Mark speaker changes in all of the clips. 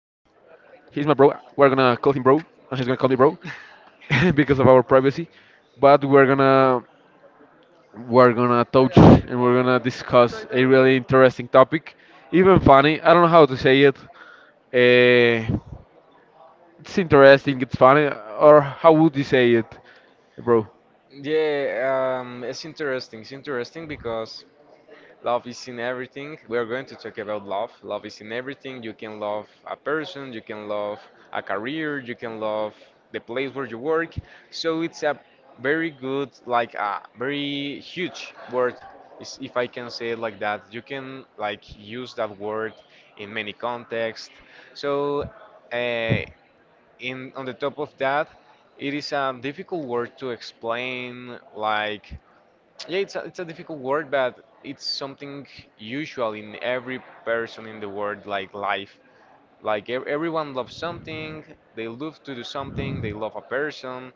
Speaker 1: He's my bro. We're gonna call him bro, and he's gonna call me bro because of our privacy. But we're gonna touch, and we're gonna discuss a really interesting topic, even funny. I don't know how to say it. It's interesting. It's funny. Or how would you say it, bro?
Speaker 2: Yeah, it's interesting. It's interesting because love is in everything. We are going to talk about love. Love is in everything. You can love a person, you can love a career, you can love the place where you work. So it's a very good, like a very huge word, if I can say it like that. You can like use that word in many contexts. So uh, in on the top of that, it is a difficult word to explain. Like, yeah, it's a difficult word, but it's something usual in every person in the world, like life. Like everyone loves something, they love to do something, they love a person,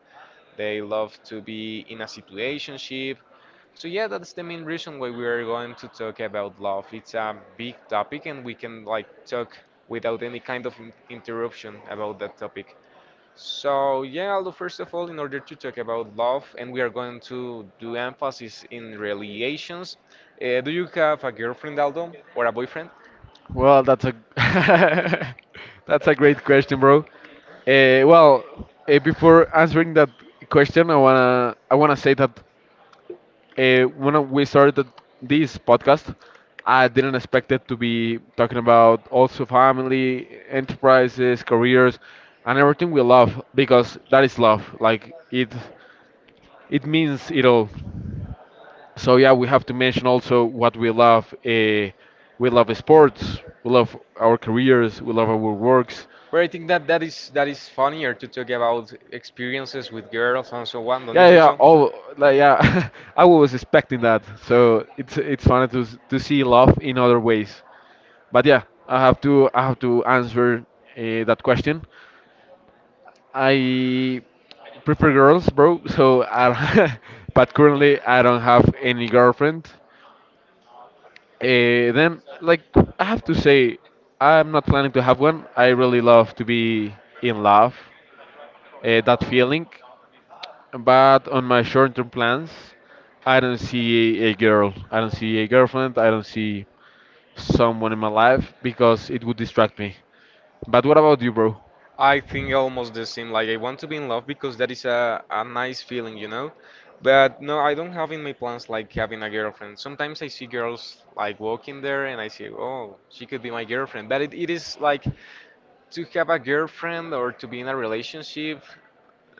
Speaker 2: they love to be in a situationship. So yeah, that's the main reason why we are going to talk about love. It's a big topic and we can like talk without any kind of interruption about that topic. So yeah, Aldo, first of all, in order to talk about love, and we are going to do emphasis in relations. Do you have a girlfriend, Aldo, or a boyfriend?
Speaker 1: Well, that's a that's a great question, bro. Well, before answering that question, I wanna say that when we started this podcast, I didn't expect it to be talking about also family, enterprises, careers, and everything we love, because that is love. Like it means it all. So yeah, we have to mention also what we love. We love sports. We love our careers. We love our works.
Speaker 2: But I think that that is funnier to talk about experiences with girls and so on. Don't you
Speaker 1: Yeah, yeah,
Speaker 2: think
Speaker 1: yeah,
Speaker 2: so?
Speaker 1: all like yeah. I was expecting that. So it's funny to see love in other ways. But yeah, I have to answer that question. I prefer girls, bro. So I don't- But currently I don't have any girlfriend. Then, like, I have to say, I'm not planning to have one. I really love to be in love, that feeling. But on my short-term plans, I don't see a girl. I don't see a girlfriend. I don't see someone in my life because it would distract me. But what about you, bro?
Speaker 2: I think almost the same. Like I want to be in love because that is a nice feeling, you know? But no, I don't have in my plans like having a girlfriend. Sometimes I see girls like walking there and I say, oh, she could be my girlfriend. But it is like to have a girlfriend or to be in a relationship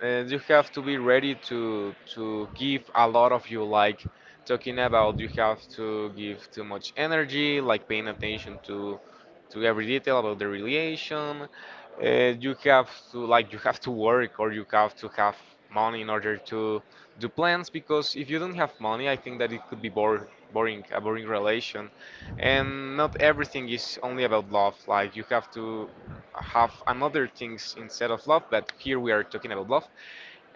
Speaker 2: and you have to be ready to give a lot of you like talking about you have to give too much energy like paying attention to every detail about the relation, uh, you have to like you have to work or you have to have money in order to do plans, because if you don't have money I think that it could be boring, a boring relation, and not everything is only about love, like you have to have another things instead of love, but here we are talking about love.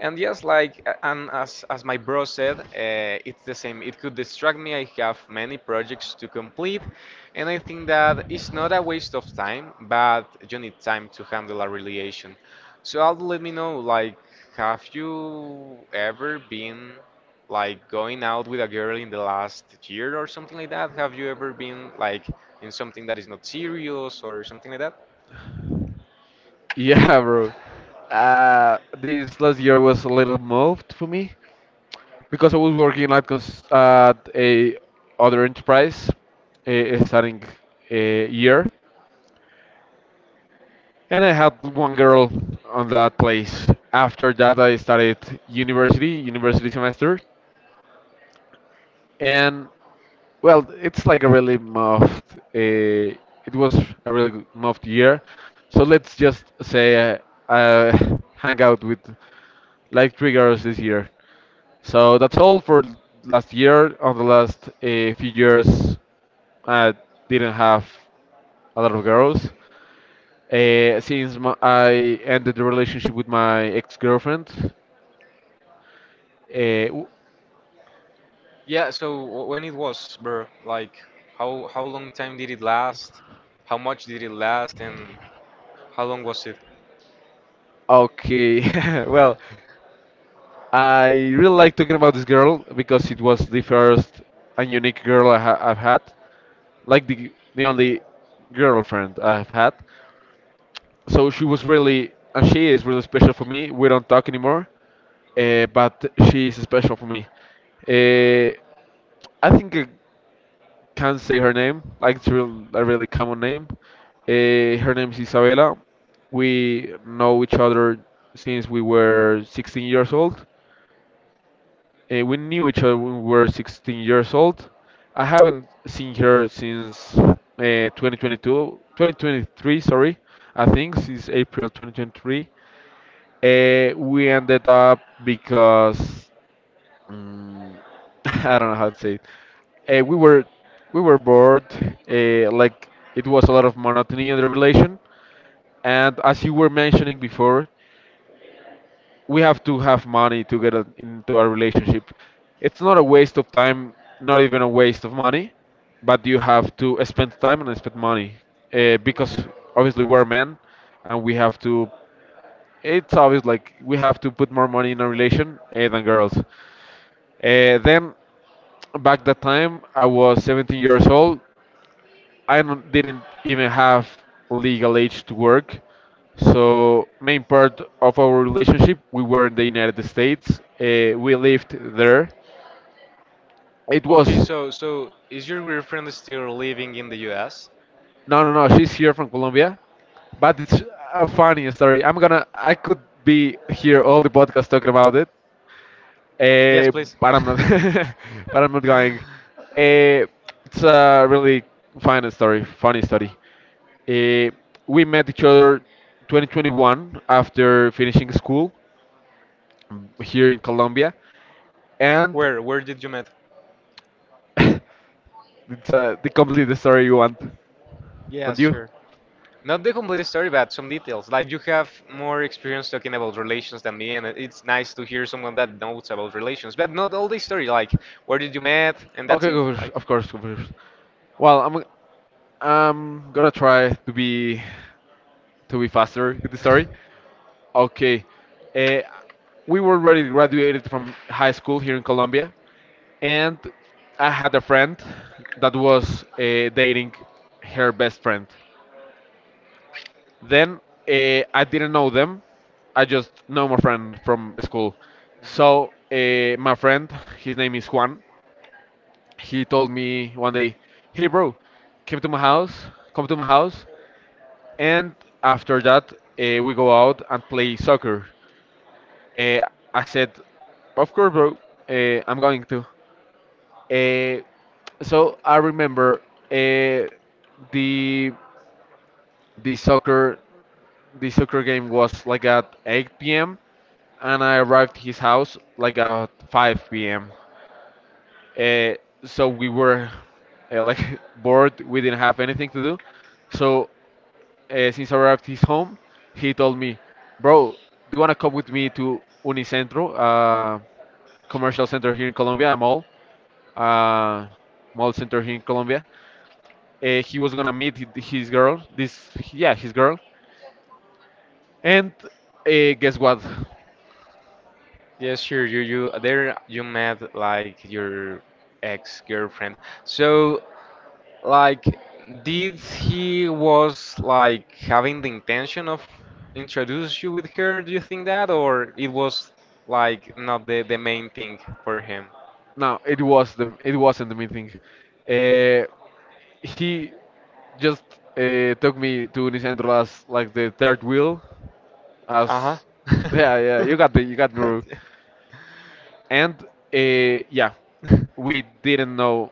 Speaker 2: And yes, and as my bro said, it's the same. It could distract me. I have many projects to complete, and I think that it's not a waste of time, but you need time to handle a relation. So I'll let me know. Like, have you ever been like going out with a girl in the last year or something like that? Have you ever been like in something that is not serious or something like that?
Speaker 1: Yeah, bro. This last year was a little moved for me, because I was working like at a other enterprise starting a year, and I had one girl on that place. After that, I started university semester, and well, it's like a really muffed. It was a really muffed year, so let's just say I hang out with like three girls this year. So that's all for last year. On the last few years, I didn't have a lot of girls. Since I ended the relationship with my ex-girlfriend, uh, w-
Speaker 2: Yeah, so when it was, bro, like how long time did it last? How much did it last and how long was it?
Speaker 1: okay. Well, I really like talking about this girl because it was the first and unique girl I've had, like the only girlfriend I've had. So she was really, and she is really special for me. We don't talk anymore, but she is special for me. Uh, I think I can say her name. Like it's real, a really common name. Her name is Isabella. We know each other since we were 16 years old. We knew each other when we were 16 years old. I haven't seen her since 2022, 2023, sorry, I think since April 2023. We ended up because mm, I don't know how to say it. We were bored. Like it was a lot of monotony in the relation. And as you were mentioning before, we have to have money to get into a relationship. It's not a waste of time, not even a waste of money, but you have to spend time and spend money because obviously we're men and we have to. It's obvious, like we have to put more money in a relation than girls. Then back that time, I was 17 years old. I don't, didn't even have legal age to work. So main part of our relationship, we were in the United States. We lived there. It
Speaker 2: Okay,
Speaker 1: was
Speaker 2: so is your girlfriend still living in the US?
Speaker 1: No, no, no, she's here from Colombia, but it's a funny story. I'm gonna. I could be here all the podcast talking about it.
Speaker 2: Yes,
Speaker 1: Uh,
Speaker 2: please.
Speaker 1: but I'm not. But I'm not going. Uh, it's a really funny story. Uh, we met each other 2021 after finishing school here in Colombia, and
Speaker 2: Where did you met?
Speaker 1: it's the complete story you want,
Speaker 2: Yeah,
Speaker 1: not you.
Speaker 2: sure. Not the complete story, but some details. Like you have more experience talking about relations than me, and it's nice to hear someone that knows about relations, but not all the story. Like where did you met, and that's
Speaker 1: Okay,
Speaker 2: it.
Speaker 1: go first.
Speaker 2: Like,
Speaker 1: Of course, go first. Well, I'm gonna try to be faster with the story. Okay. Uh, we were already graduated from high school here in Colombia, and I had a friend that was dating her best friend. Then I didn't know them. I just know my friend from school. So
Speaker 2: Mhm.
Speaker 1: my friend, his name is Juan. He told me one day, "Hey, bro, come to my house. Come to my house." And after that, we go out and play soccer. Uh, I said, of course, bro. I'm going to. Uh, so I remember uh, the the soccer the soccer game was like at 8 p.m., and I arrived his house like at 5 p.m. Uh, so we were like bored. We didn't have anything to do. So since I arrived his home, he told me, "Bro, do you wanna come with me to Unicentro?" Commercial center here in Colombia, a mall, uh, mall center here in Colombia. He was gonna meet his girl, and guess what?
Speaker 2: Yes, sure. You there you met like your ex girlfriend. So like, did he was like having the intention of introduce you with her? Do you think that, or it was like not the main thing for him?
Speaker 1: No, it wasn't the meeting. Uh, he just took me to Unicentro as like the third wheel,
Speaker 2: Uh
Speaker 1: as
Speaker 2: huh.
Speaker 1: yeah, yeah, you got the you got me, Ru. And yeah, we didn't know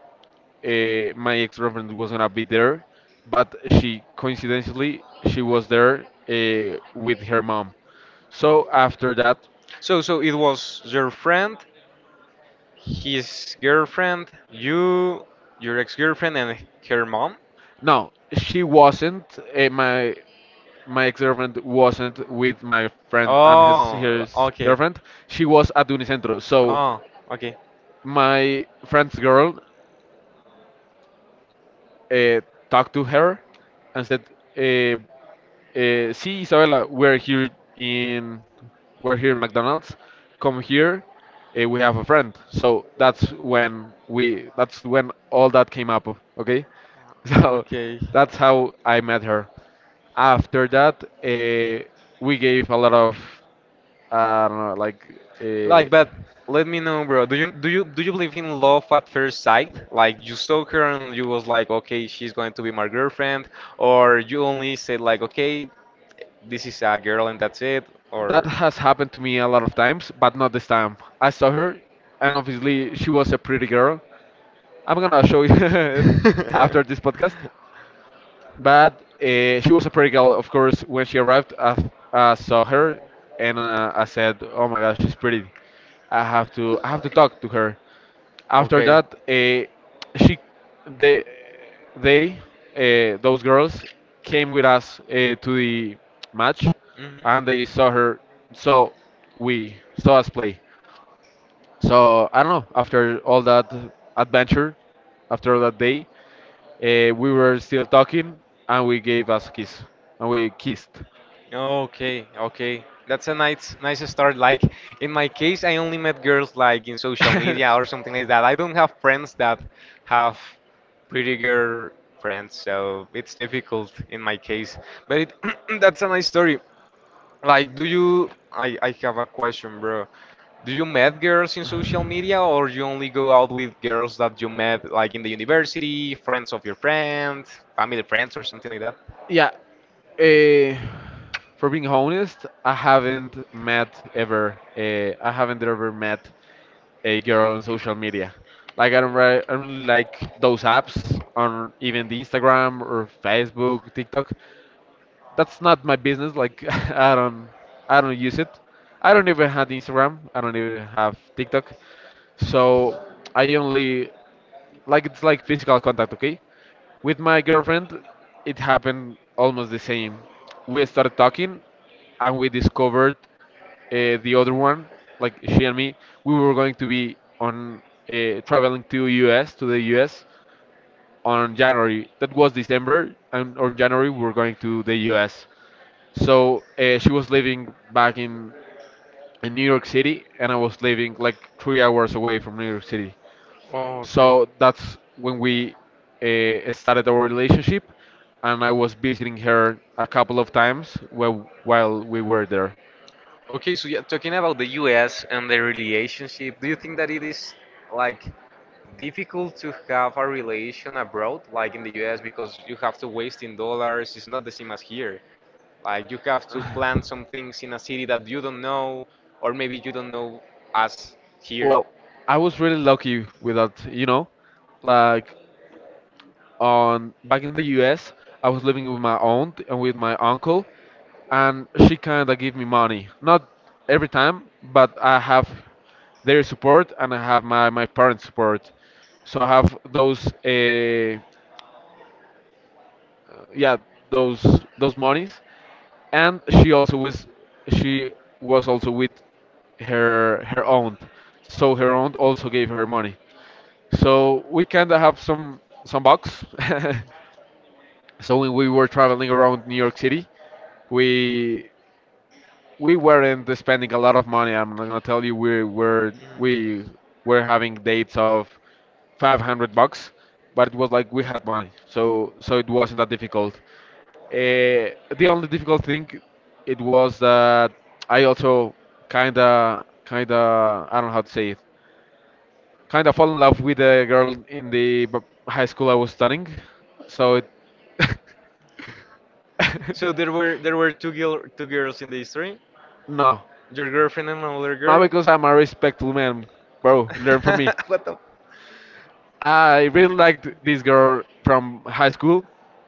Speaker 1: my ex-girlfriend was gonna be there, but she coincidentally she was there with her mom. So after that,
Speaker 2: So, it was your friend, his girlfriend, you, your ex-girlfriend, and her mom.
Speaker 1: no, she wasn't. Uh, my my ex-girlfriend wasn't with my friend and his
Speaker 2: Oh,
Speaker 1: his
Speaker 2: okay.
Speaker 1: girlfriend. She was at Unicentro. So
Speaker 2: Oh, okay.
Speaker 1: my friend's girl uh, talked to her and said, uh, see, Isabella, in we're here in McDonald's. Come here, we have a friend. So that's when we that's when all that came up. Okay. So
Speaker 2: Okay.
Speaker 1: that's how I met her. After that, we gave a lot of, I don't know, like,
Speaker 2: Like,
Speaker 1: uh,
Speaker 2: but let me know, bro. Do you believe in love at first sight? Like you saw her and you was like, okay, she's going to be my girlfriend, or you only said like, okay, this is a girl and that's it,
Speaker 1: that
Speaker 2: or
Speaker 1: has happened to me a lot of times, but not this time. I saw her, and obviously she was a pretty girl. I'm gonna show you it after this podcast. But she was a pretty girl, of course. When she arrived, I saw her, and I said, "Oh my gosh, she's pretty. I have to talk to her." After
Speaker 2: okay.
Speaker 1: that, she, they, they, those girls came with us to the match, and
Speaker 2: Mhm.
Speaker 1: they saw her. So we saw us play. So I don't know. After all that adventure, after all that day. We were still talking, and we gave us a kiss, and we kissed.
Speaker 2: Okay, okay. That's a nice start. Like in my case, I only met girls like in social media or something like that. I don't have friends that have pretty girl friends, so it's difficult in my case. But that's a nice story. Like, do you? I have a question, bro. Do you met girls in social media, or you only go out with girls that you met like in the university, friends of your friends, family friends, or something like that?
Speaker 1: Yeah. Uh, for being honest, I haven't met ever. I haven't ever met a girl on social media. Like I don't really like those apps on even the Instagram or Facebook, TikTok. That's not my business. Like I don't, I don't use it. I don't even have Instagram. I don't even have TikTok. So I only, like, it's like physical contact, okay, with my girlfriend. It happened almost the same. We started talking, and we discovered the other one. Like, she and me, we were going to be on, traveling to us to the us on January. That was December, and on January we were going to the us. So she was living back in New York City, and I was living like 3 hours away from New York City.
Speaker 2: Oh, okay.
Speaker 1: So that's when we started our relationship, and I was visiting her a couple of times while we were there.
Speaker 2: Okay, so yeah, talking about the US and the relationship, do you think that it is like difficult to have a relation abroad, like in the US, because you have to waste in dollars? It's not the same as here. Like you have to plan some things in a city that you don't know, or maybe you don't know as here.
Speaker 1: Well, I was really lucky with that, like on back in the U.S., I was living with my aunt and with my uncle, and she kind of gave me money. Not every time, but I have their support and I have my parents' support, so I have those. Yeah, those monies. And she was also with her aunt, so her aunt also gave her money. So we kind of have some bucks. So when we were traveling around New York City, we we weren't spending a lot of money. I'm not gonna tell you we were having dates of 500 bucks, but it was like we had money, so it wasn't that difficult. uh, the only difficult thing it was that I also kinda, I don't know how to say it, kinda fall in love with a girl in the high school I was studying, so it
Speaker 2: So there were there were two girls in the history.
Speaker 1: no,
Speaker 2: Your girlfriend and another
Speaker 1: no,
Speaker 2: girl?
Speaker 1: because I'm a respectful man, bro. Learn from me.
Speaker 2: What the?
Speaker 1: I really liked this girl from high school,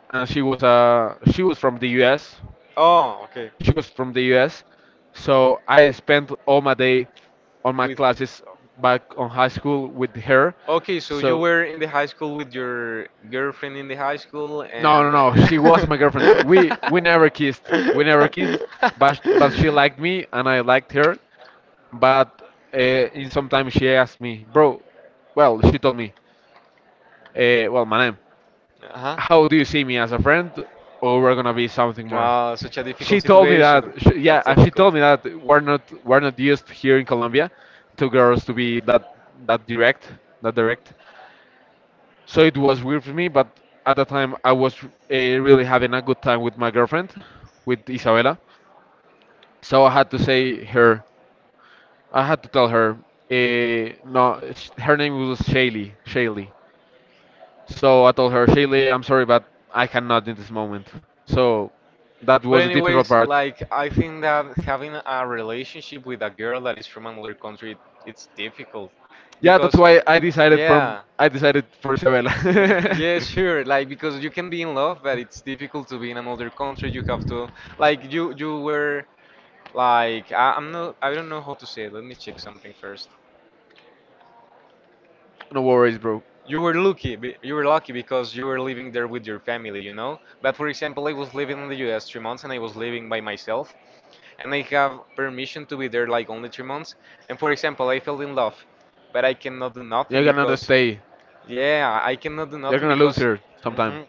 Speaker 1: and she was from the U.S.
Speaker 2: Oh, okay.
Speaker 1: She was from the US, so I spent all my day on my
Speaker 2: With.
Speaker 1: classes back on high school with her.
Speaker 2: Okay, so you
Speaker 1: So
Speaker 2: were in the high school with your girlfriend in the high school
Speaker 1: no, no, no, she was
Speaker 2: and.
Speaker 1: my girlfriend. We never kissed. We never kissed, but she liked me and I liked her. But in some time she asked me, bro. Well, she told me, well, my name.
Speaker 2: Uh
Speaker 1: How
Speaker 2: huh.
Speaker 1: do you see me as a friend, or we're gonna be something more?
Speaker 2: Ah, such a difficult situation. That's
Speaker 1: She told
Speaker 2: difficult.
Speaker 1: me that we're not used here in Colombia to girls to be that that direct that direct. So it was weird for me, but at the time I was really having a good time with my girlfriend, with Isabella. So I had to tell her, no, her name was Shaylee. So I told her, Shaylee, I'm sorry, but I cannot in this moment. So that
Speaker 2: But
Speaker 1: was the difficult
Speaker 2: anyways,
Speaker 1: part.
Speaker 2: like I think that having a relationship with a girl that is from another country, it's difficult
Speaker 1: Yeah, that's
Speaker 2: because
Speaker 1: why
Speaker 2: yeah.
Speaker 1: I decided for Isabella.
Speaker 2: Yeah, yeah, sure. Like because you can be in love, but it's difficult to be in another country. You have to like you were like I'm not I don't know how to say it. Let me check something first.
Speaker 1: No worries, bro.
Speaker 2: You were lucky. You were lucky because you were living there with your family, you know. But for example, I was living in the U.S. three months, and I was living by myself, and I have permission to be there like only three months. And for example, I fell in love, but I cannot do
Speaker 1: You're
Speaker 2: nothing
Speaker 1: gonna
Speaker 2: because
Speaker 1: stay.
Speaker 2: yeah, I cannot do
Speaker 1: You're
Speaker 2: nothing
Speaker 1: gonna lose
Speaker 2: because.
Speaker 1: her sometime.
Speaker 2: Mhm.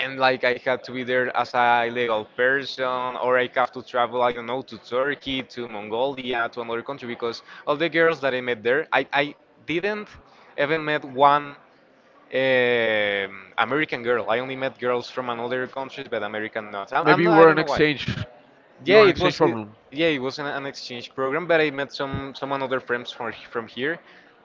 Speaker 2: And like I had to be there as a legal person, or I have to travel, I don't know, to Turkey, to Mongolia, to another country, because all the girls that I met there, I didn't even met one American girl. I only met girls from another countries, but American not. I'm
Speaker 1: Maybe you
Speaker 2: not. I
Speaker 1: were an
Speaker 2: don't know why.
Speaker 1: exchange. You
Speaker 2: Yeah,
Speaker 1: were an
Speaker 2: it
Speaker 1: exchange
Speaker 2: was.
Speaker 1: problem.
Speaker 2: Yeah, it was an exchange program, but I met some other friends from here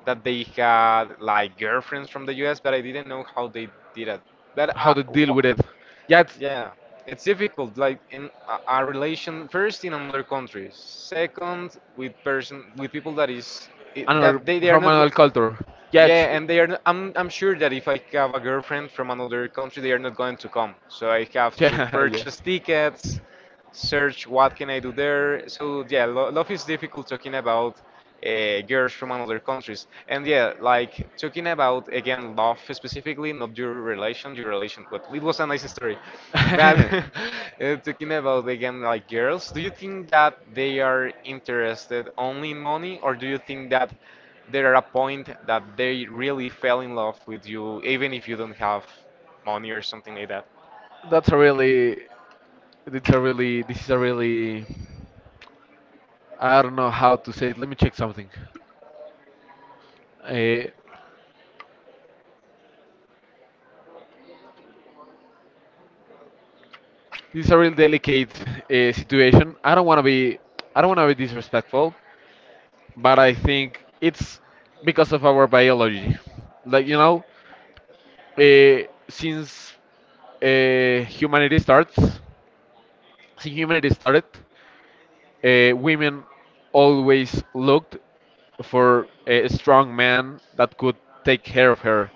Speaker 2: that they had like girlfriends from the U.S., but I didn't know how they did it. But
Speaker 1: How to deal with it? Yeah,
Speaker 2: yes.
Speaker 1: it's
Speaker 2: Yeah, it's difficult, like in a relation first in another country, second with person with people that is it,
Speaker 1: another
Speaker 2: that they are
Speaker 1: from
Speaker 2: not. Go-
Speaker 1: another culture.
Speaker 2: Yeah.
Speaker 1: Yeah, it's,
Speaker 2: Yeah, and they are. Not, I'm sure that if I have a girlfriend from another country, they are not going to come. So I have Yeah. to
Speaker 1: yeah, yeah.
Speaker 2: purchase tickets search what can I do there. So yeah, love is difficult talking about girls from another countries. And yeah, like talking about again love specifically, not your relation, your relation. But it was a nice story. But talking about again like girls, do you think that they are interested only in money, or do you think that there are a point that they really fell in love with you, even if you don't have money or something like that?
Speaker 1: That's a really. It's a really. This is a really. I don't know how to say it. Let me check something. Uh, this is a real delicate situation. I don't want to be disrespectful, but I think it's because of our biology. Like since uh, humanity starts, since humanity started, women always looked for a strong man that could take care of her.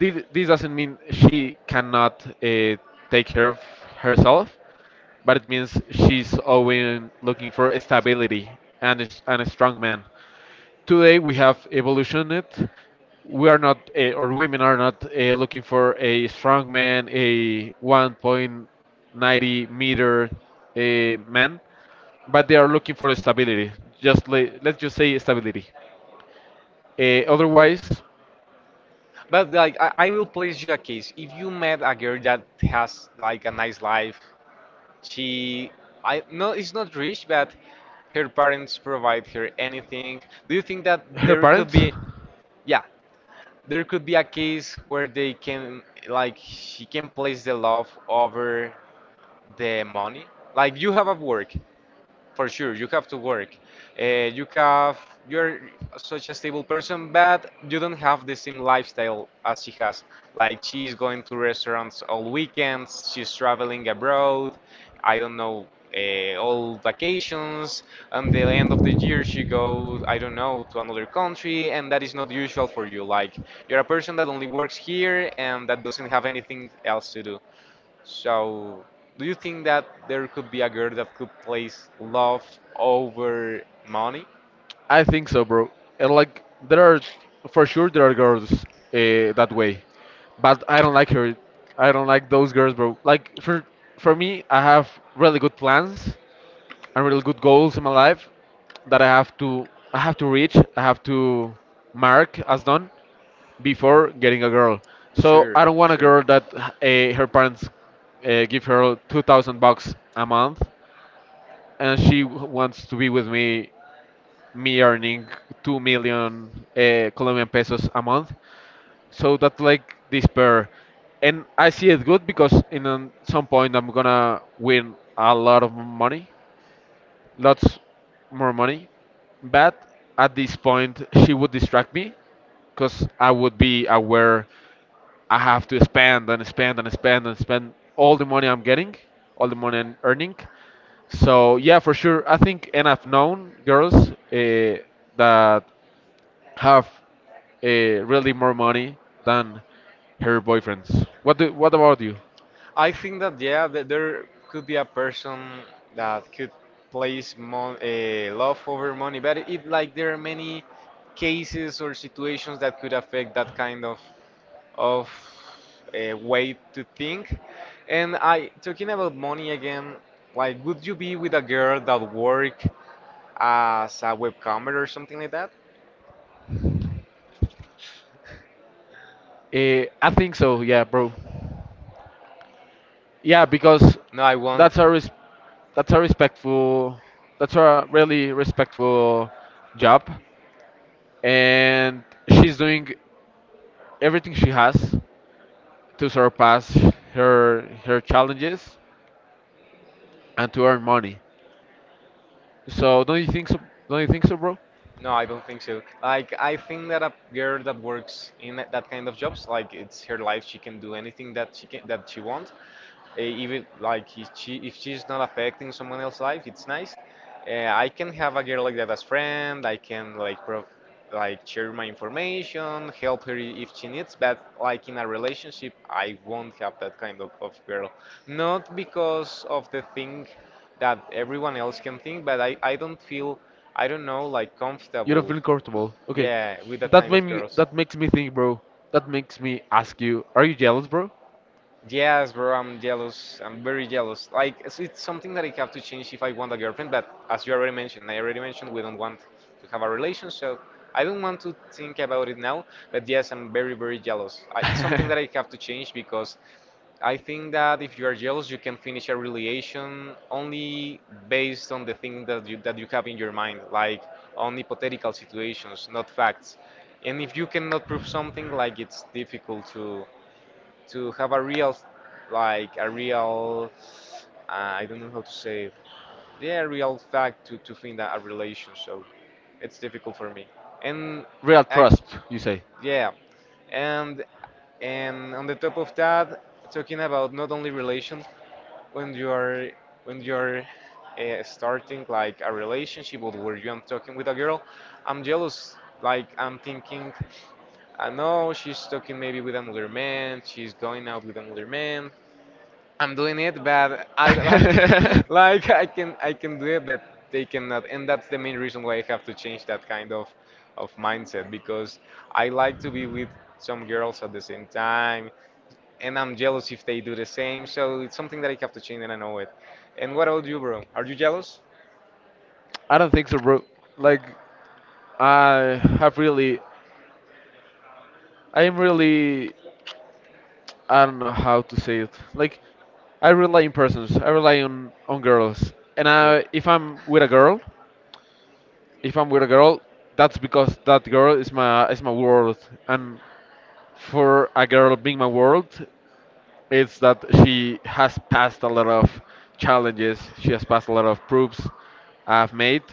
Speaker 1: This doesn't mean she cannot take care of herself, but it means she's always looking for stability and a strong man. Today we have evolutioned it. We are not, or women are not looking for a strong man, a 1.90 meter man, but they are looking for stability. Just let's just say stability. Otherwise.
Speaker 2: But like I will place you a case. If you met a girl that has like a nice life, she I no it's not rich, but her parents provide her anything. Do you think that
Speaker 1: Her
Speaker 2: there could
Speaker 1: parents?
Speaker 2: be yeah, there could be a case where they can like she can place the love over the money? Like you have a work for sure you have to work, you have you're such a stable person but you don't have the same lifestyle as she has, like she's going to restaurants all weekends, she's traveling abroad, I don't know, all vacations and the end of the year she goes, I don't know, to another country and that is not usual for you. Like you're a person that only works here and that doesn't have anything else to do. So, do you think that there could be a girl that could place love over money?
Speaker 1: I think so, bro. And like, there are for sure there are girls that way, but I don't like her. I don't like those girls, bro. Like for me, I have really good plans and really good goals in my life that I have to reach. I have to mark as done before getting a girl. So
Speaker 2: Sure,
Speaker 1: I don't want a
Speaker 2: sure.
Speaker 1: girl that her parents give her 2,000 bucks a month, and she wants to be with me, me earning 2 million Colombian pesos a month. So that's like despair. And I see it good because some point I'm gonna win a lot of money, lots more money. But at this point, she would distract me because I would be aware I have to spend and spend and spend and spend all the money I'm getting, all the money I'm earning. So yeah, for sure. I think, and I've known girls that have really more money than her boyfriends. What about you?
Speaker 2: I think that yeah, that there could be a person that could place mon love over money, but it like there are many cases or situations that could affect that kind of of a way to think. And I talking about money again, like would you be with a girl that work as a webcomer or something like that?
Speaker 1: I think so. Yeah, bro. Yeah, because
Speaker 2: No, I won't.
Speaker 1: that's a res- that's a respectful that's a really respectful job, and she's doing everything she has to surpass her challenges and to earn money. So don't you think so? Don't you think so, bro?
Speaker 2: No, I don't think so. Like, I think that a girl that works in that kind of jobs, like it's her life, she can do anything that she can that she wants. Even like if she if she's not affecting someone else's life, it's nice. I can have a girl like that as friend. I can like share my information, help her if she needs. But like in a relationship, I won't have that kind of girl. Not because of the thing that everyone else can think, but I don't feel, I don't know, like,
Speaker 1: You don't
Speaker 2: comfortable,
Speaker 1: feel comfortable. Okay,
Speaker 2: yeah, with that
Speaker 1: that
Speaker 2: kind
Speaker 1: made
Speaker 2: of
Speaker 1: me.
Speaker 2: girls.
Speaker 1: That makes me think, bro. That makes me ask you: are you jealous, bro?
Speaker 2: Yes, bro, I'm jealous. I'm very jealous. Like, it's something that I have to change if I want a girlfriend, but as you already mentioned, I already mentioned we don't want to have a relation, so I don't want to think about it now, but yes, I'm very, very jealous. It's something that I have to change because I think that if you are jealous, you can finish a relation only based on the thing that you have in your mind, like on hypothetical situations, not facts. And if you cannot prove something, like it's difficult to have a real, like a real, I don't know how to say it, yeah, a real fact to think that a relation. So it's difficult for me. And
Speaker 1: Real
Speaker 2: I,
Speaker 1: trust, you say.
Speaker 2: yeah, and and on the top of that, talking about not only relation when you are, when you're starting like a relationship, or where you am talking with a girl, I'm jealous, like, I'm thinking, I know she's talking maybe with another man, she's going out with another man. I'm doing it, but I like, like I can do it, but they
Speaker 1: I
Speaker 2: cannot, and that's the main reason why I have to change that kind of mindset, because I like to be with some girls at the same time, and I'm jealous if they do the same. So it's something that I have to change, and I know it. And what about you, bro? Are you jealous?
Speaker 1: don't think so, bro. Like I have really, I am really, I don't know how to say it. Like I
Speaker 2: I
Speaker 1: rely
Speaker 2: relate.
Speaker 1: on persons. I
Speaker 2: I relate.
Speaker 1: rely on girls. And
Speaker 2: And okay. I, if
Speaker 1: if
Speaker 2: I'm,
Speaker 1: I'm with
Speaker 2: you
Speaker 1: a
Speaker 2: know,
Speaker 1: girl, if I'm with a girl, that's because that girl is my world. And for a girl being my world, it's that she has passed a lot of challenges. She has passed a lot of proofs I've made.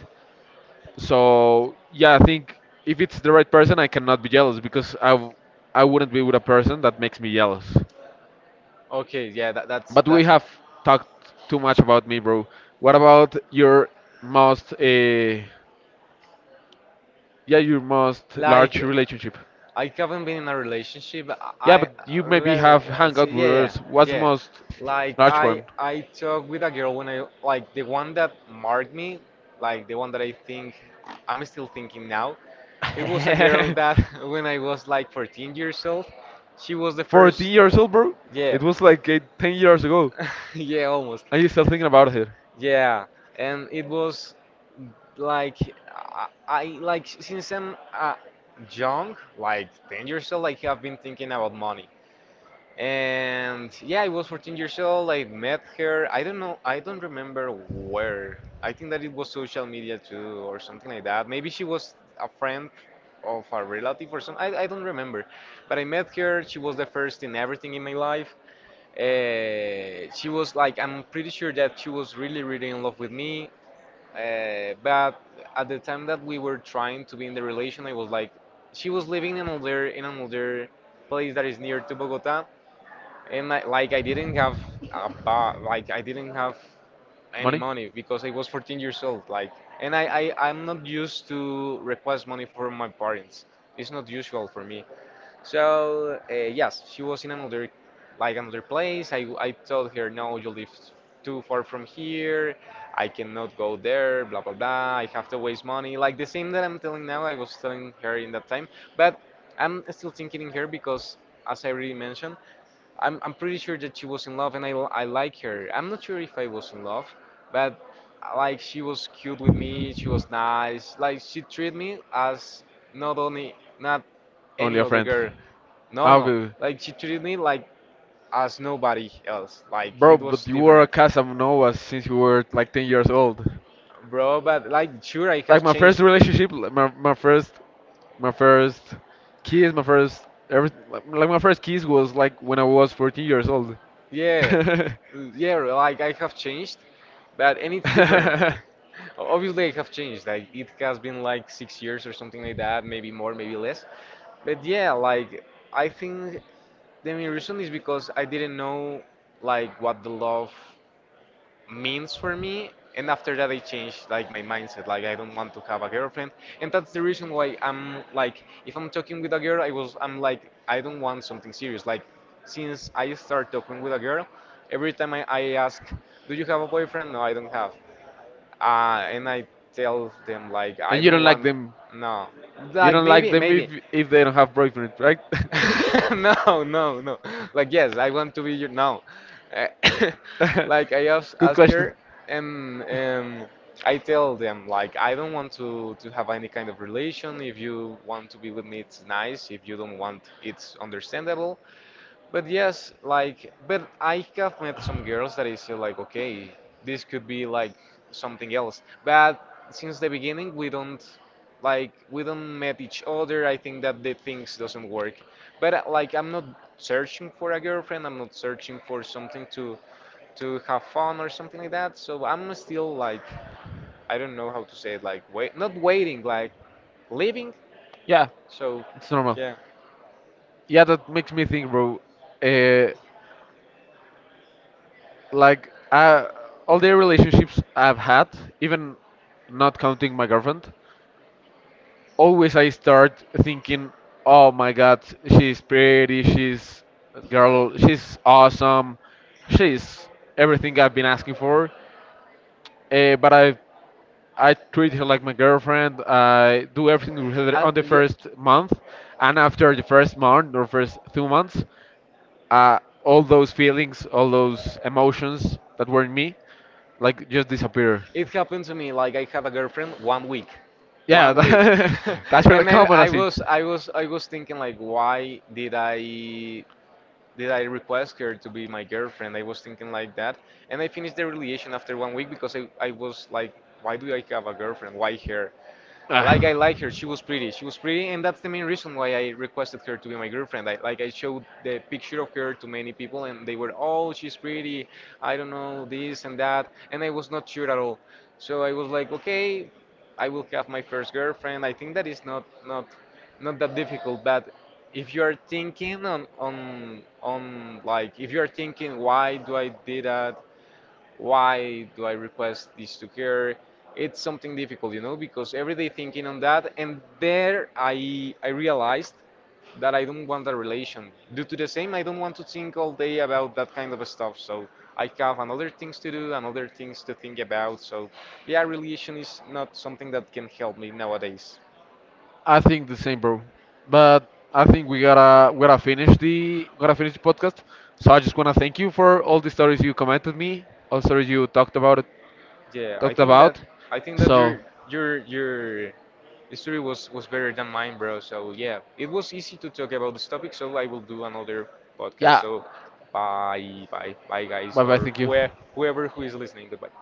Speaker 1: So yeah, I think if it's the right person, I cannot be jealous because I wouldn't be with a person that makes me jealous.
Speaker 2: Okay, yeah, that, that's
Speaker 1: But
Speaker 2: that's really
Speaker 1: we
Speaker 2: that
Speaker 1: have
Speaker 2: helpful.
Speaker 1: talked too much about me, bro. What
Speaker 2: What
Speaker 1: about
Speaker 2: about
Speaker 1: most,
Speaker 2: most?
Speaker 1: uh, yeah, your most
Speaker 2: Like,
Speaker 1: large relationship?
Speaker 2: I haven't been in a relationship.
Speaker 1: Yeah,
Speaker 2: I,
Speaker 1: but you maybe
Speaker 2: well,
Speaker 1: have
Speaker 2: see,
Speaker 1: hangout
Speaker 2: yeah,
Speaker 1: with
Speaker 2: yeah,
Speaker 1: others. What's the
Speaker 2: yeah.
Speaker 1: most
Speaker 2: Like,
Speaker 1: large
Speaker 2: I,
Speaker 1: one?
Speaker 2: I talked with a girl when I, like, the one that marked me, like, the one that I think, I'm still thinking now. It was a girl that, when I was like 14 years old, she was the first,
Speaker 1: 14 years old, bro.
Speaker 2: yeah,
Speaker 1: It was like 10 years ago.
Speaker 2: yeah, almost.
Speaker 1: Are you still thinking about it?
Speaker 2: Yeah, and it was like I like, since I'm, young, like 10 years old, like I've been thinking about money. And yeah, I was 14 years old. I met her. I don't know. I don't remember where. I think that it was social media too, or something like that. Maybe she was a friend of a relative or something. I don't remember. But I met her. She was the first in everything in my life. She was like, I'm pretty sure that she was really, really in love with me. But at the time that we were trying to be in the relation, I was like, she was living in another place that is near to Bogota, and I, like, I didn't have a ba like I didn't have any
Speaker 1: Money?
Speaker 2: money because I was 14 years old. Like, and I'm not used to request money from my parents. It's not usual for me. So, yes, she was in another, like, another place. I told her, no, you live too far from here. I cannot go there. Blah blah blah. I have to waste money. Like the same that I'm telling now, I was telling her in that time, but I'm still thinking in her because, as I already mentioned, I'm pretty sure that she was in love, and I like her. I'm not sure if I was in love, but, like, she was cute with me, she was nice. Like, she treated me as, not only, not
Speaker 1: Only
Speaker 2: any
Speaker 1: a
Speaker 2: other
Speaker 1: friend.
Speaker 2: girl. No,
Speaker 1: Ah,
Speaker 2: no.
Speaker 1: okay.
Speaker 2: Like, she treated me like, as nobody else. Like,
Speaker 1: Bro,
Speaker 2: it was
Speaker 1: but you were a
Speaker 2: different.
Speaker 1: Casanova since you were like 10 years old.
Speaker 2: Bro, but, like, sure, I
Speaker 1: Like
Speaker 2: have
Speaker 1: my first
Speaker 2: changed.
Speaker 1: relationship, like my first my first kiss, my first kiss was like when I was 14 years old.
Speaker 2: Yeah,
Speaker 1: And
Speaker 2: yeah, like, I have changed, but and it's different. Obviously, I have changed. Like, it has been like 6 years or something like that, maybe more, maybe less. But yeah, like, I think the main reason is because I didn't know like what the love means for me, and after that I changed, like, my mindset. Like, I don't want to have a girlfriend, and that's the reason why I'm like, if I'm talking with a girl, I'm like, I don't want something serious. Like, since I start talking with a girl, every time I ask, do you have a boyfriend? No, I don't have. And I tell them, like, I
Speaker 1: you
Speaker 2: don't
Speaker 1: don't like
Speaker 2: want.
Speaker 1: them.
Speaker 2: No,
Speaker 1: You
Speaker 2: like,
Speaker 1: don't like
Speaker 2: maybe,
Speaker 1: them if if they don't have boyfriend, right?
Speaker 2: No, no, no. Like, yes, I want to be your. No. Eh, Like, I ask,
Speaker 1: Good
Speaker 2: ask
Speaker 1: question.
Speaker 2: her, and I tell them, like, I don't want to have any kind of relation. If you want to be with me, it's nice. If you don't want, it's understandable. But yes, like, but I have met some girls that is still like, okay, this could be like something else. But since the beginning, we don't, like, we don't met each other. I think that the things doesn't work. But, like, I'm not searching for a girlfriend. I'm not searching for something to have fun or something like that. So I'm still like, I don't know how to say it. Like, wait, not waiting, like, living.
Speaker 1: Yeah,
Speaker 2: So,
Speaker 1: it's normal.
Speaker 2: yeah.
Speaker 1: Yeah, that makes me think, bro. Uh, Like all the relationships I've had, even not counting my girlfriend, always I start thinking, oh my god, she's pretty, she's a girl, she's awesome, she's everything I've been asking for. But I treat her like my girlfriend. I do everything with her on the
Speaker 2: Yeah.
Speaker 1: first month, and after the first month or first 2 months, uh, all those feelings, all those emotions that were in me, like just disappear.
Speaker 2: It happened to me like I have a girlfriend
Speaker 1: Yeah,
Speaker 2: one week,
Speaker 1: that's really
Speaker 2: and I,
Speaker 1: common, I
Speaker 2: I
Speaker 1: see.
Speaker 2: was I was I was thinking like, why did I request her to be my girlfriend? I was thinking like that, and I finished the relation after one week because I was like, why do I have a girlfriend? Why her? I like
Speaker 1: Ah.
Speaker 2: I like her. She was pretty. She was pretty, and that's the main reason why I requested her to be my girlfriend. Like, I showed the picture of her to many people, and they were, oh, she's pretty. I don't know this and that, and I was not sure at all. So I was like, okay, I will have my first girlfriend. I think that is not that difficult, but if you are thinking on like, if you are thinking, why do I did that, why do I request this to her? It's something difficult, you know, because every day thinking on that, and there I realized that I don't want a relation. Due to the same, I don't want to think all day about that kind of stuff. So I have another things to do, another things to think about. So yeah, relation is not something that can help me nowadays.
Speaker 1: I think the same, bro. But I think we gotta finish the podcast. So I just wanna thank you for all the stories you commented me, all the stories you talked about
Speaker 2: Yeah, I
Speaker 1: talked
Speaker 2: think that
Speaker 1: about.
Speaker 2: I think that
Speaker 1: So
Speaker 2: your history was better than mine, bro. So yeah, it was easy to talk about this topic. So I will do another podcast.
Speaker 1: yeah,
Speaker 2: So bye, bye, bye, guys,
Speaker 1: bye bye.
Speaker 2: or
Speaker 1: Thank you.
Speaker 2: whoever who is listening. Goodbye.